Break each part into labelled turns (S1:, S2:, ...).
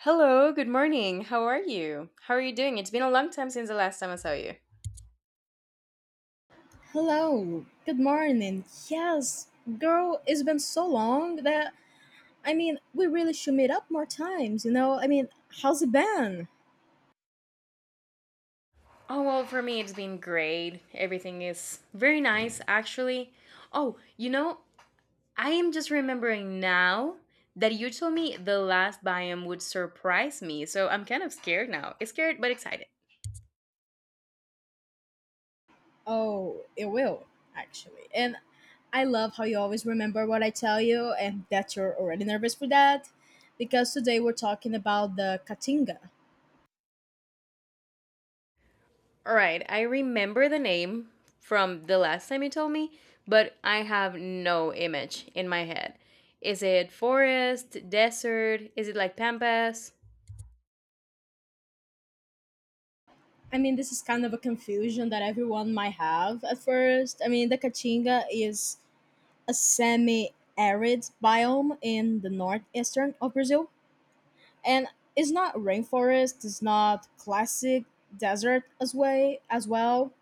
S1: Hello, good morning. How are you? How are you doing? It's been a long time since the last time I saw you.
S2: Hello, good morning. Yes, girl, it's been so long that we really should meet up more times, how's it been?
S1: Oh, well, for me, it's been great. Everything is very nice, actually. Oh, you know, I am just remembering now that you told me the last biome would surprise me, so I'm kind of scared now. Scared, but excited.
S2: Oh, it will, actually. And I love how you always remember what I tell you and that you're already nervous for that because today we're talking about the Katinga.
S1: All right, I remember the name from the last time you told me, but I have no image in my head. Is it forest, desert? Is it like Pampas?
S2: This is kind of a confusion that everyone might have at first. The Katinga is a semi arid biome in the northeastern of Brazil and it's not rainforest, it's not classic desert as way as well.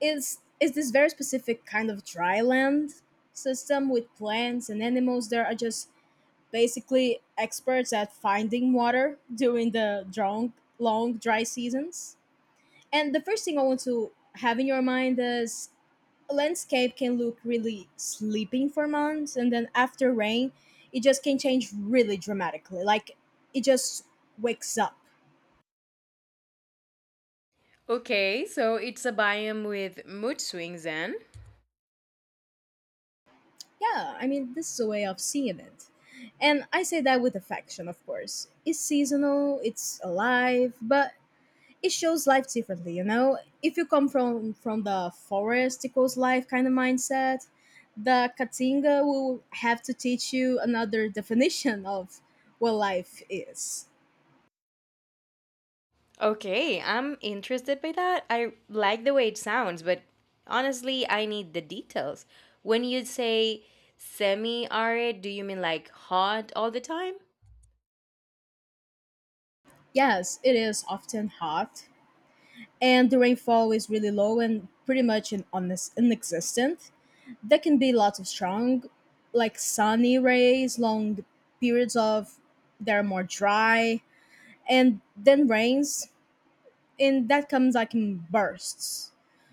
S2: It's this very specific kind of dry land system with plants and animals that are just basically experts at finding water during the long dry seasons. And the first thing I want to have in your mind is a landscape can look really sleeping for months, and then after rain, it just can change really dramatically. Like it just wakes up.
S1: Okay, so it's a biome with mood swings then.
S2: Yeah, this is a way of seeing it. And I say that with affection, of course. It's seasonal, it's alive, but it shows life differently. You know, if you come from the forest equals life kind of mindset, the katinga will have to teach you another definition of what life is.
S1: Okay, I'm interested by that. I like the way it sounds, but honestly, I need the details. When you say semi arid, do you mean like hot all the time?
S2: Yes, it is often hot and the rainfall is really low and pretty much on this inexistent. There can be lots of strong like sunny rays, long periods of they're more dry, and then rains, and that comes like in bursts.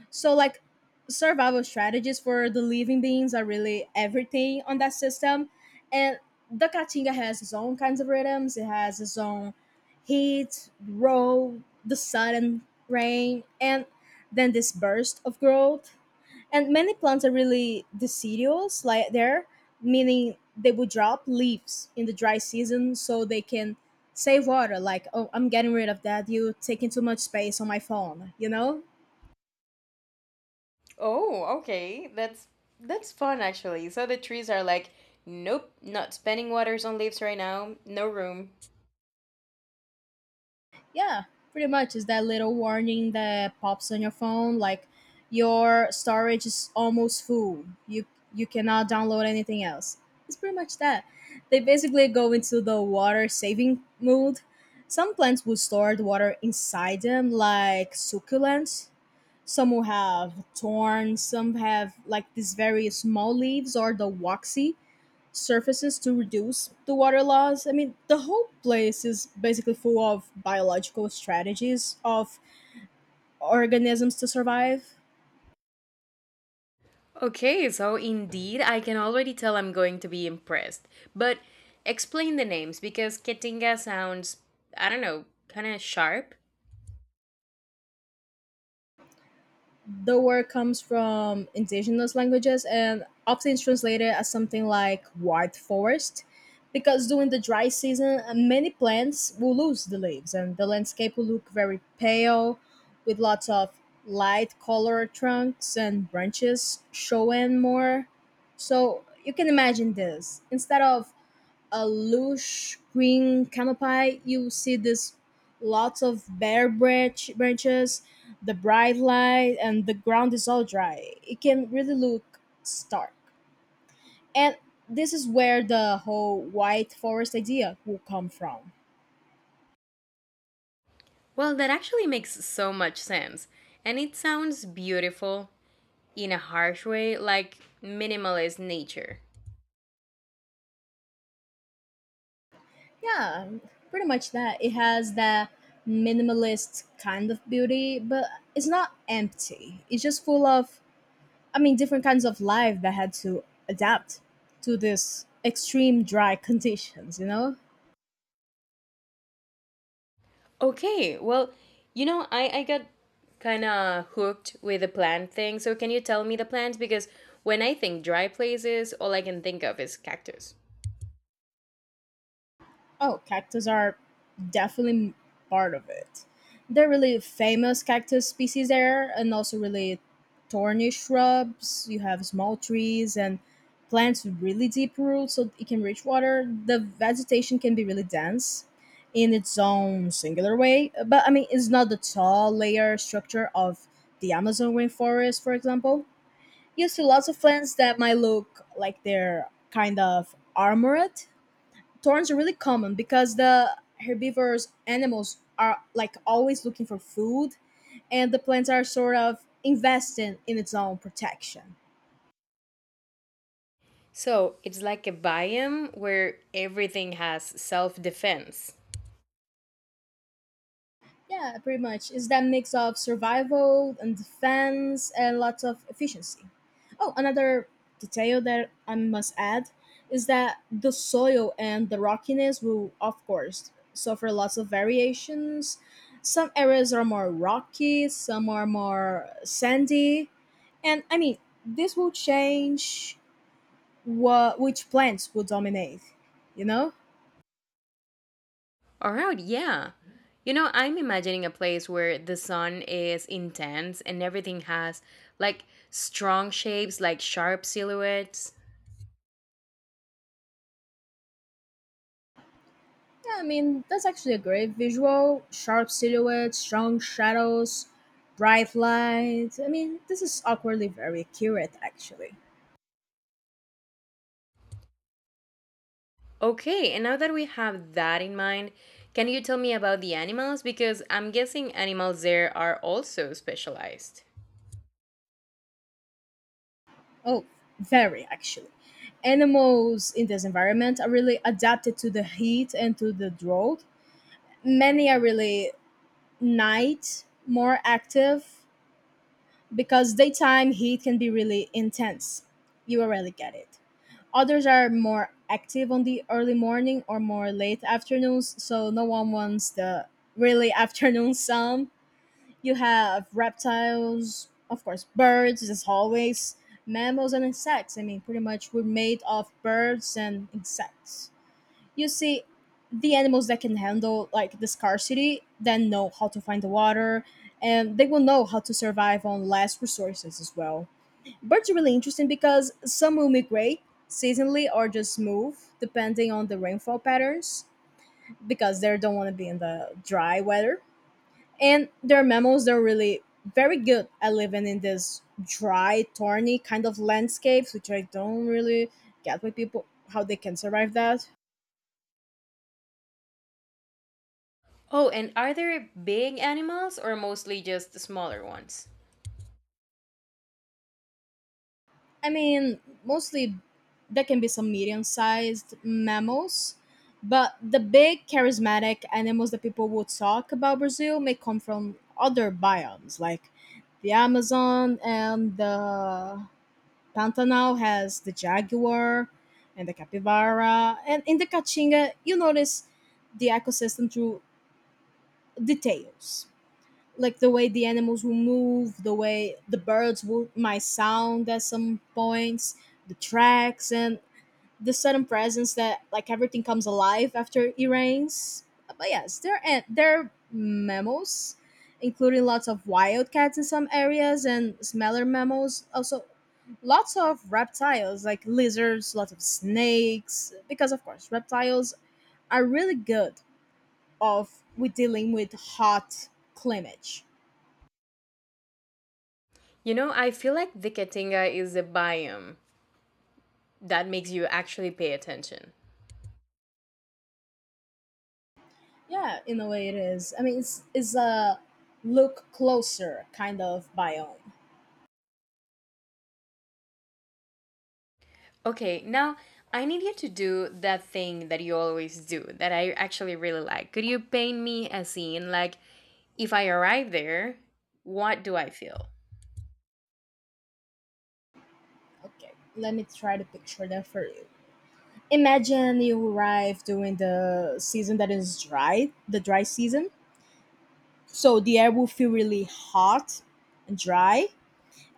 S2: So like survival strategies for the living beings are really everything on that system. And the Caatinga has its own kinds of rhythms. It has its own heat, roll, the sun and rain, and then this burst of growth. And many plants are really deciduous like there, meaning they would drop leaves in the dry season so they can save water. Like, oh, I'm getting rid of that, you taking too much space on my phone, you know?
S1: Oh, okay. That's fun actually. So the trees are like, nope, not spending waters on leaves right now. No room.
S2: Yeah, pretty much. It's that little warning that pops on your phone, like your storage is almost full. You cannot download anything else. It's pretty much that. They basically go into the water saving mode. Some plants will store the water inside them, like succulents. Some will have thorns. Some have like these very small leaves or the waxy surfaces to reduce the water loss. The whole place is basically full of biological strategies of organisms to survive.
S1: Okay, so indeed, I can already tell I'm going to be impressed. But explain the names because Ketinga sounds, I don't know, kind of sharp.
S2: The word comes from indigenous languages and often is translated as something like white forest, because during the dry season, many plants will lose the leaves and the landscape will look very pale with lots of light colored trunks and branches showing more. So you can imagine this. Instead of a lush green canopy, you see this lots of branches, the bright light, and the ground is all dry. It can really look stark. And this is where the whole white forest idea will come from.
S1: Well, that actually makes so much sense. And it sounds beautiful in a harsh way, like minimalist nature.
S2: Yeah, pretty much that. It has that minimalist kind of beauty, but it's not empty. It's just full of, different kinds of life that had to adapt to this extreme dry conditions, you know?
S1: Okay, well, you know, I got kind of hooked with the plant thing. So can you tell me the plants? Because when I think dry places, all I can think of is cactus.
S2: Oh, cactus are definitely part of it. They're really famous cactus species there, and also really thorny shrubs. You have small trees and plants with really deep roots so it can reach water. The vegetation can be really dense in its own singular way, but it's not the tall layer structure of the Amazon rainforest, for example. Used to lots of plants that might look like they're kind of armored. Thorns are really common because the herbivorous animals are like always looking for food, and the plants are sort of investing in its own protection.
S1: So it's like a biome where everything has self defense.
S2: Yeah, pretty much. It's that mix of survival and defense and lots of efficiency. Oh, another detail that I must add is that the soil and the rockiness will, of course, suffer lots of variations. Some areas are more rocky, some are more sandy, and this will change what which plants will dominate, you know?
S1: All right, yeah. You know, I'm imagining a place where the sun is intense and everything has like strong shapes, like sharp silhouettes.
S2: Yeah, that's actually a great visual. Sharp silhouettes, strong shadows, bright light. This is awkwardly very accurate, actually.
S1: Okay, and now that we have that in mind, can you tell me about the animals? Because I'm guessing animals there are also specialized.
S2: Oh, very, actually. Animals in this environment are really adapted to the heat and to the drought. Many are really night more active because daytime heat can be really intense. You already get it. Others are more active on the early morning or more late afternoons, so no one wants the really afternoon sun. You have reptiles, of course, birds, as always, mammals, and insects. Pretty much we're made of birds and insects. You see, the animals that can handle like the scarcity then know how to find the water, and they will know how to survive on less resources as well. Birds are really interesting because some will migrate seasonally or just move depending on the rainfall patterns, because they don't want to be in the dry weather. And they're mammals, they're really very good at living in this dry, thorny kind of landscapes, which I don't really get with people how they can survive that.
S1: Oh, and are there big animals or mostly just smaller ones?
S2: I mean, mostly there can be some medium sized mammals, but the big charismatic animals that people would talk about Brazil may come from other biomes, like the Amazon, and the Pantanal has the jaguar and the capybara. And in the Caatinga, you notice the ecosystem through details like the way the animals will move, the way the birds will might sound at some points, the tracks, and the sudden presence that like everything comes alive after it rains. But yes, they're mammals, including lots of wildcats in some areas and smaller mammals. Also, lots of reptiles like lizards, lots of snakes, because of course reptiles are really good of with dealing with hot climate.
S1: You know, I feel like the Katinga is a biome that makes you actually pay attention.
S2: Yeah, in a way it is. It's a look closer kind of biome.
S1: Okay, now I need you to do that thing that you always do that I actually really like. Could you paint me a scene like if I arrive there, what do I feel?
S2: Okay, let me try to picture that for you. Imagine you arrive during the season that is dry, the dry season. So the air will feel really hot and dry,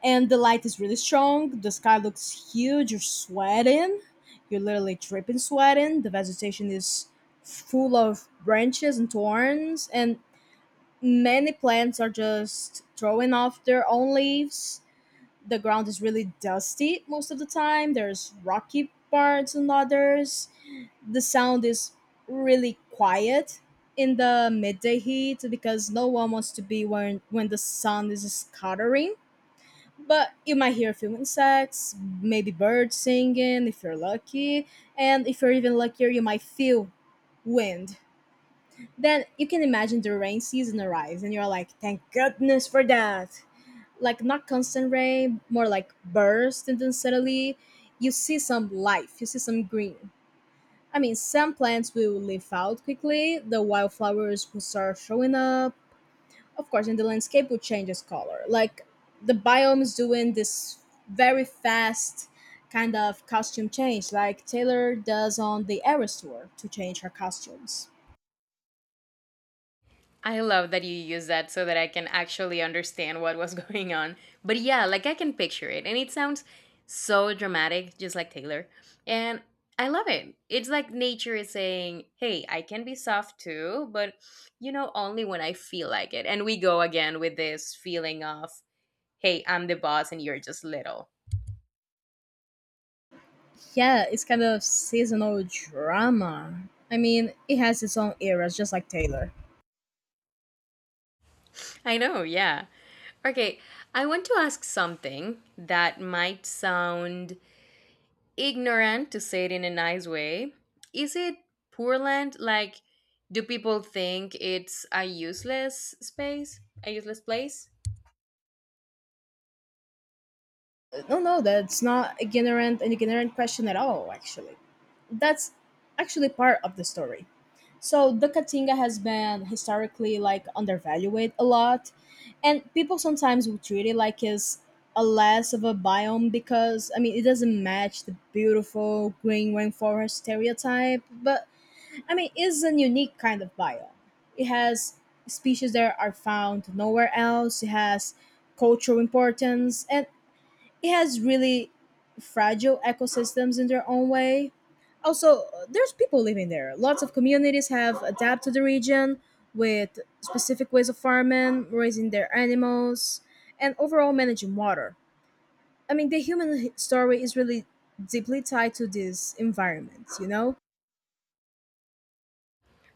S2: and the light is really strong. The sky looks huge. You're sweating. You're literally dripping sweating. The vegetation is full of branches and thorns, and many plants are just throwing off their own leaves. The ground is really dusty most of the time. There's rocky parts and others. The sound is really quiet in the midday heat because no one wants to be when the sun is scattering. But you might hear a few insects, maybe birds singing if you're lucky, and if you're even luckier, you might feel wind. Then you can imagine the rain season arrives and you're like, thank goodness for that. Like, not constant rain, more like burst, and then suddenly you see some life, you see some green. Some plants will leaf out quickly, the wildflowers will start showing up, of course, and the landscape will change its color. Like, the biome is doing this very fast kind of costume change, like Taylor does on the Eras tour to change her costumes.
S1: I love that you use that so that I can actually understand what was going on. But yeah, like I can picture it. And it sounds so dramatic, just like Taylor. And I love it. It's like nature is saying, hey, I can be soft too, but you know, only when I feel like it. And we go again with this feeling of, hey, I'm the boss and you're just little.
S2: Yeah, it's kind of seasonal drama. It has its own eras, just like Taylor.
S1: I know, yeah. Okay, I want to ask something that might sound ignorant, to say it in a nice way. Is it poor land? Like, do people think it's a useless space? A useless place?
S2: No, no, that's not a ignorant an ignorant question at all. Actually, that's actually part of the story. So the Katinga has been historically like undervalued a lot, and people sometimes will treat it like it's a less of a biome because it doesn't match the beautiful green rainforest stereotype, but it's a unique kind of biome. It has species that are found nowhere else. It has cultural importance, and it has really fragile ecosystems in their own way. Also, there's people living there. Lots of communities have adapted to the region with specific ways of farming, raising their animals, and overall managing water. The story is really deeply tied to this environment, you know?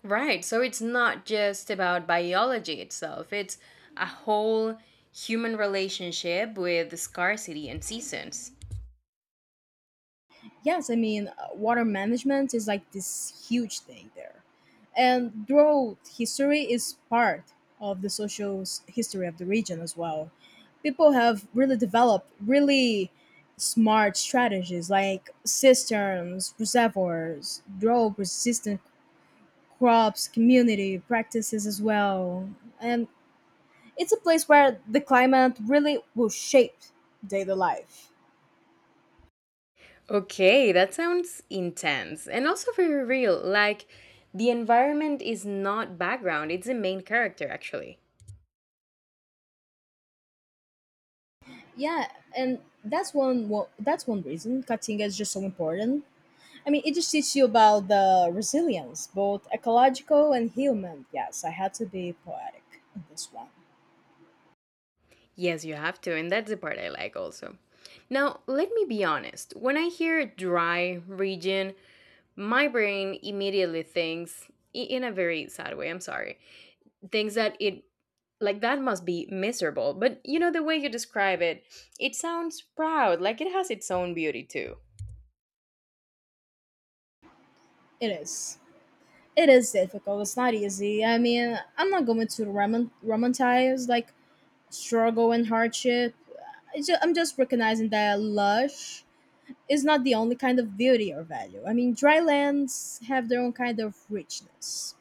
S1: Right, so it's not just about biology itself, it's a whole human relationship with scarcity and seasons.
S2: Yes, water management is like this huge thing there. And drought history is part of the social history of the region as well. People have really developed really smart strategies like cisterns, reservoirs, drought resistant crops, community practices as well. And it's a place where the climate really will shape daily life.
S1: Okay, that sounds intense and also very real. Like, the environment is not background, it's the main character, actually.
S2: Yeah, and that's one reason cutting is just so important. It just teaches you about the resilience, both ecological and human. Yes, I had to be poetic in this one.
S1: Yes, you have to, and that's the part I like also. Now, let me be honest. When I hear dry region, my brain immediately thinks in a very sad way, I'm sorry. Thinks that it like that must be miserable. But you know the way you describe it, it sounds proud, like it has its own beauty too.
S2: It is. It is difficult. It's not easy. I'm not going to romanticize like struggle and hardship. I'm just recognizing that lush is not the only kind of beauty or value. Dry lands have their own kind of richness.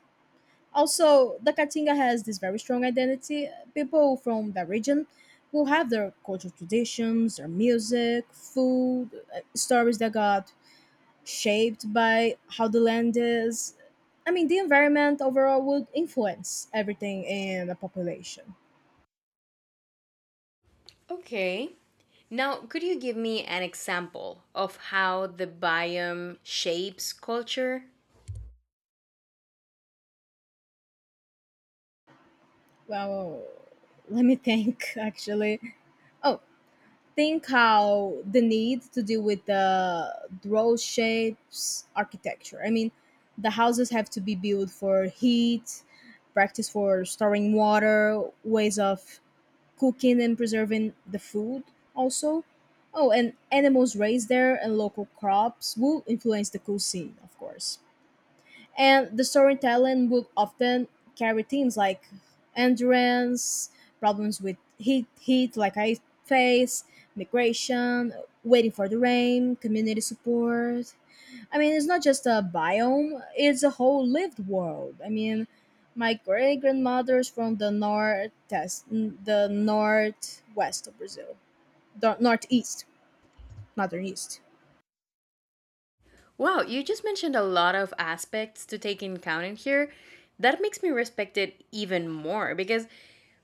S2: Also, the Katinga has this very strong identity. People from the region will have their cultural traditions, their music, food, stories that got shaped by how the land is. I mean, the environment overall would influence everything in a population.
S1: Okay. Now, could you give me an example of how the biome shapes culture?
S2: Well, let me think actually. Oh, think how the need to deal with the draw shapes architecture. I mean, the houses have to be built for heat, practice for storing water, ways of cooking and preserving the food also. Oh, and animals raised there and local crops will influence the cuisine, of course. And the storytelling would often carry themes like endurance, problems with heat like I face, migration, waiting for the rain, community support. I mean, it's not just a biome, it's a whole lived world. I mean, my great grandmother's from the north, the northwest of Brazil, the northeast, not the east.
S1: Wow, you just mentioned a lot of aspects to take in account in here. That makes me respect it even more because,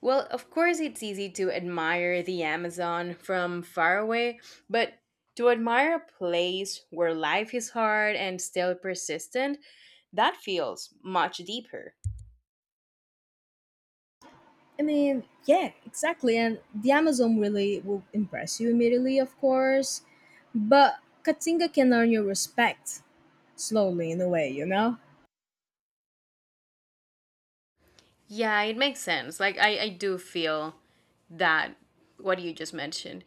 S1: well, of course, it's easy to admire the Amazon from far away, but to admire a place where life is hard and still persistent, that feels much deeper.
S2: I mean, yeah, exactly. And the Amazon really will impress you immediately, of course. But Katinga can earn your respect slowly, in a way, you know?
S1: Yeah, it makes sense. Like I do feel that what you just mentioned.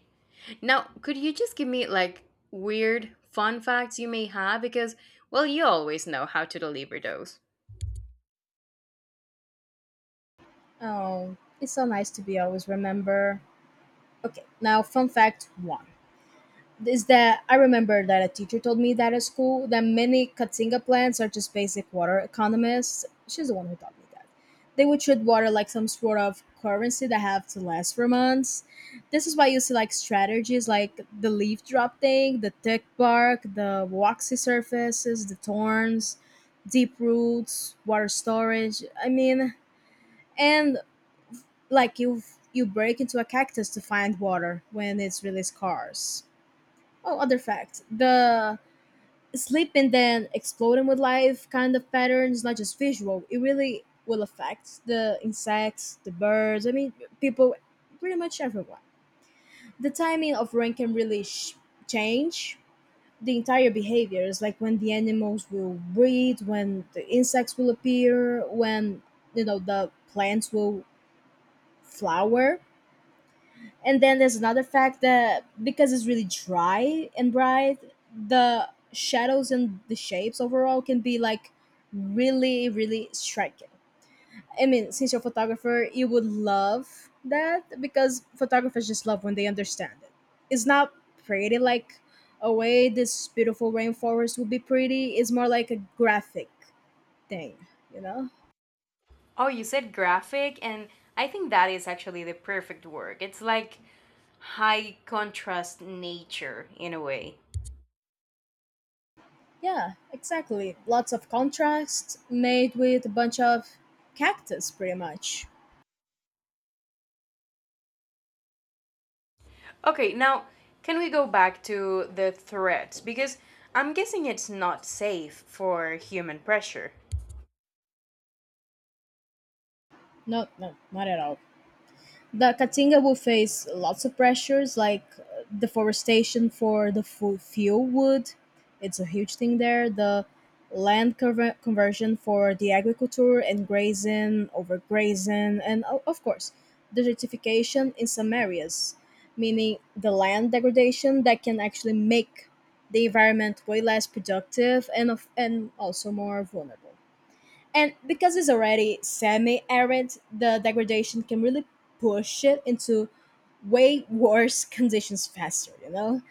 S1: Now, could you just give me like weird fun facts you may have? Because well, you always know how to deliver those.
S2: Oh, it's so nice to be always remember. Okay, now, fun fact one is that I remember that a teacher told me that at school that many Katinga plants are just basic water economists. She's the one who taught me that. They would treat water like some sort of currency that have to last for months. This is why you see like strategies like the leaf drop thing, the thick bark, the waxy surfaces, the thorns, deep roots, water storage. I mean, and like you break into a cactus to find water when it's really scarce. Oh, other fact, the sleep and then exploding with life kind of patterns, not just visual. It really will affect the insects, the birds, I mean, people, pretty much everyone. The timing of rain can really change the entire behaviors, like when the animals will breathe, when the insects will appear, when, you know, the plants will flower. And then there's another fact that because it's really dry and bright, the shadows and the shapes overall can be like really, really striking. I mean, since you're a photographer, you would love that because photographers just love when they understand it. It's not pretty like a way this beautiful rainforest would be pretty, it's more like a graphic thing, you know?
S1: Oh, you said graphic, and I think that is actually the perfect word. It's like high contrast nature in a way.
S2: Yeah, exactly. Lots of contrasts made with a bunch of cactus, pretty much.
S1: Okay, now can we go back to the threats? Because I'm guessing it's not safe for human pressure.
S2: No, no, not at all. The Caatinga will face lots of pressures like deforestation for the fuel wood. It's a huge thing there. The land conversion for the agriculture and grazing, overgrazing, and of course, desertification in some areas, meaning the land degradation that can actually make the environment way less productive and, and also more vulnerable. And because it's already semi arid, the degradation can really push it into way worse conditions faster, you know?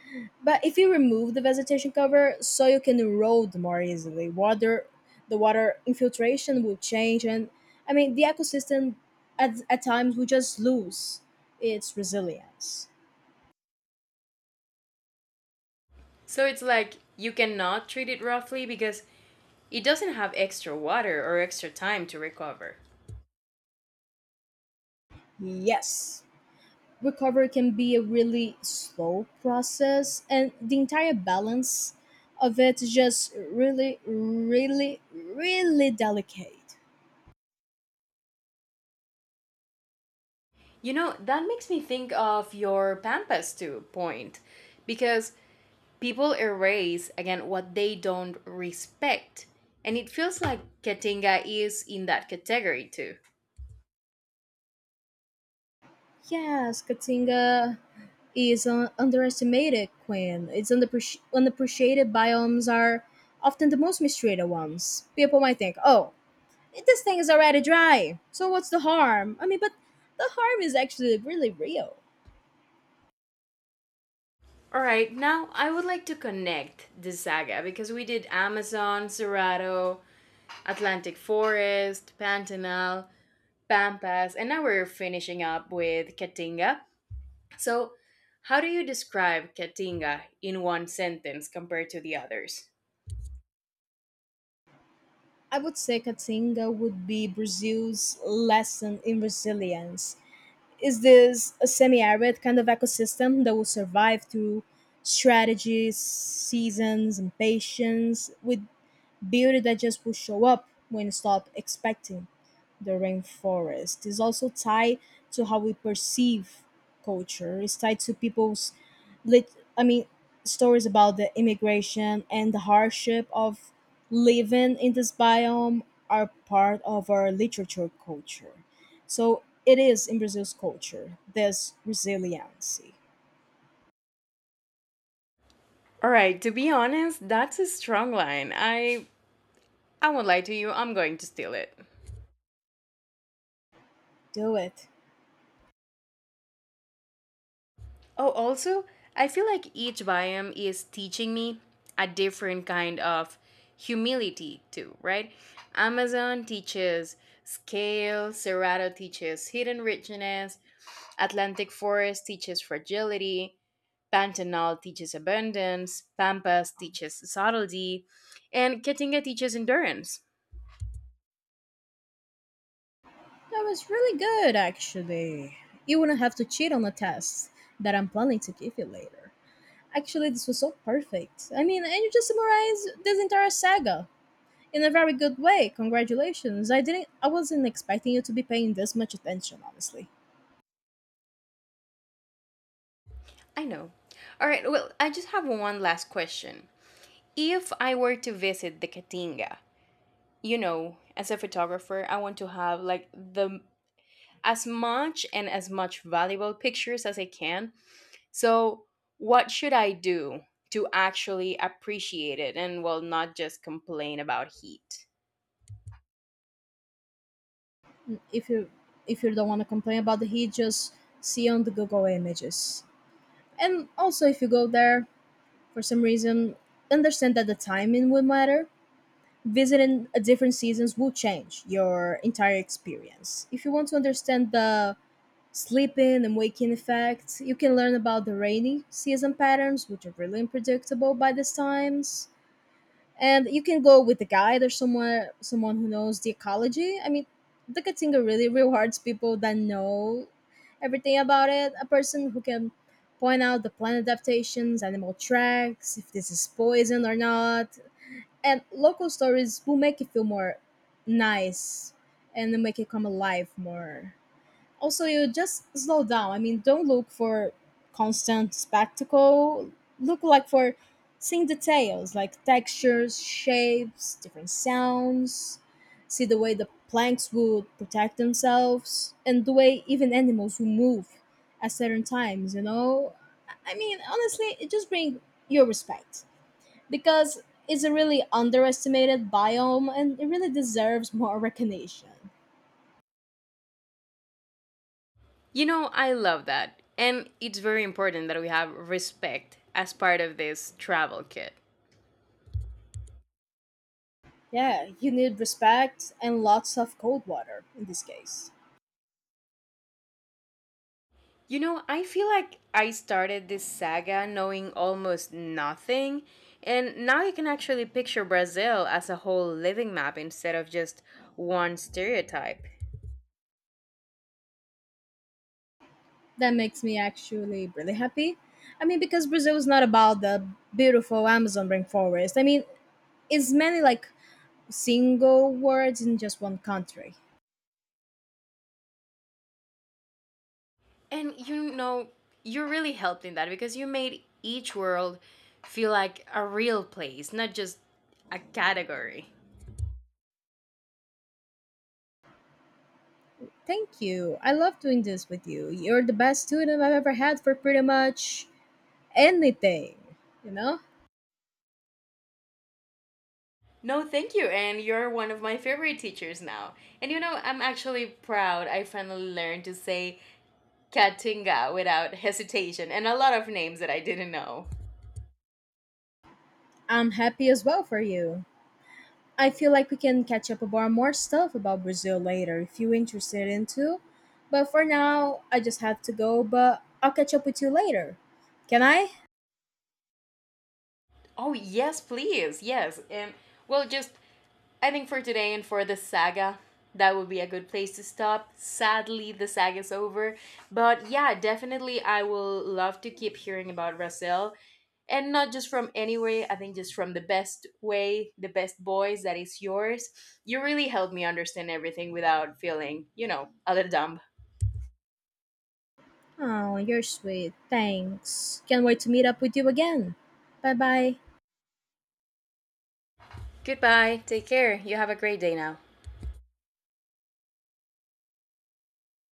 S2: But if you remove the vegetation cover, soil can erode more easily. Water, the water infiltration will change, and I mean, the ecosystem at times will just lose its resilience.
S1: So it's like you cannot treat it roughly because it doesn't have extra water or extra time to recover.
S2: Yes. Recovery can be a really slow process, and the entire balance of it is just really, really, really delicate.
S1: You know, that makes me think of your Pampas too point because people erase again what they don't respect. And it feels like Katinga is in that category too.
S2: Yes, Katinga is an underestimated queen. Its unappreciated biomes are often the most mistreated ones. People might think, oh, this thing is already dry, so what's the harm? I mean, but the harm is actually really real.
S1: All right, now I would like to connect the saga because we did Amazon, Cerrado, Atlantic Forest, Pantanal, Pampas, and now we're finishing up with Katinga. So, how do you describe Katinga in one sentence compared to the others?
S2: I would say Caatinga would be Brazil's lesson in resilience. Is this a semi arid kind of ecosystem that will survive through strategies, seasons, and patience, with beauty that just will show up when you stop expecting the rainforest? Is also tied to how we perceive culture, it's tied to people's lit I mean stories about the immigration and the hardship of living in this biome are part of our literature culture. So it is in Brazil's culture, this resiliency.
S1: All right, to be honest, that's a strong line. I won't lie to you, I'm going to steal it.
S2: Do it.
S1: Oh, also, I feel like each biome is teaching me a different kind of humility, too, right? Amazon teaches scale, Cerrado teaches hidden richness, Atlantic Forest teaches fragility, Pantanal teaches abundance, Pampas teaches subtlety, and Katinga teaches endurance.
S2: That was really good, actually. You wouldn't have to cheat on the test that I'm planning to give you later. Actually, this was so perfect. I mean, and you just summarized this entire saga in a very good way. Congratulations. I didn't I wasn't expecting you to be paying this much attention, honestly.
S1: I know. All right, well, I just have one last question. If I were to visit the Katinga, you know, as a photographer, I want to have like the as much and as much valuable pictures as I can. So, what should I do to actually appreciate it and well not just complain about heat?
S2: If you if you don't want to complain about the heat, just see on the Google images. And also if you go there for some reason, understand that the timing will matter. Visiting a different seasons will change your entire experience. If you want to understand the sleeping and waking effect, you can learn about the rainy season patterns, which are really unpredictable by these times, and you can go with a guide or someone who knows the ecology. I mean, the Katinga really rewards people that know everything about it. A person who can point out the plant adaptations, animal tracks, if this is poison or not, and local stories will make it feel more nice and will make it come alive more. Also, you just slow down. I mean, don't look for constant spectacle, look like for seeing details like textures, shapes, different sounds. See the way the planks would protect themselves, and the way even animals will move at certain times, you know? I mean, honestly, it just brings your respect because it's a really underestimated biome and it really deserves more recognition.
S1: You know, I love that. And it's very important that we have respect as part of this travel kit.
S2: Yeah, you need respect and lots of cold water in this case.
S1: You know, I feel like I started this saga knowing almost nothing, and now you can actually picture Brazil as a whole living map instead of just one stereotype.
S2: That makes me actually really happy. I mean, because Brazil is not about the beautiful Amazon rainforest. I mean, it's many like single words in just one country.
S1: And you know, you really helped in that because you made each world feel like a real place, not just a category.
S2: Thank you. I love doing this with you. You're the best student I've ever had for pretty much anything, you know?
S1: No, thank you. And you're one of my favorite teachers now. And you know, I'm actually proud I finally learned to say Katinga without hesitation and a lot of names that I didn't know.
S2: I'm happy as well for you. I feel like we can catch up about more stuff about Brazil later if you're interested in too. But for now, I just have to go, but I'll catch up with you later. Can I?
S1: Oh, yes, please. Yes. And well, just I think for today and for this saga, that would be a good place to stop. Sadly, the saga is over. But yeah, definitely, I will love to keep hearing about Russell. And not just from anywhere, I think just from the best way, the best boys that is yours. You really helped me understand everything without feeling, you know, a little dumb.
S2: Oh, you're sweet. Thanks. Can't wait to meet up with you again. Bye bye.
S1: Goodbye. Take care. You have a great day now.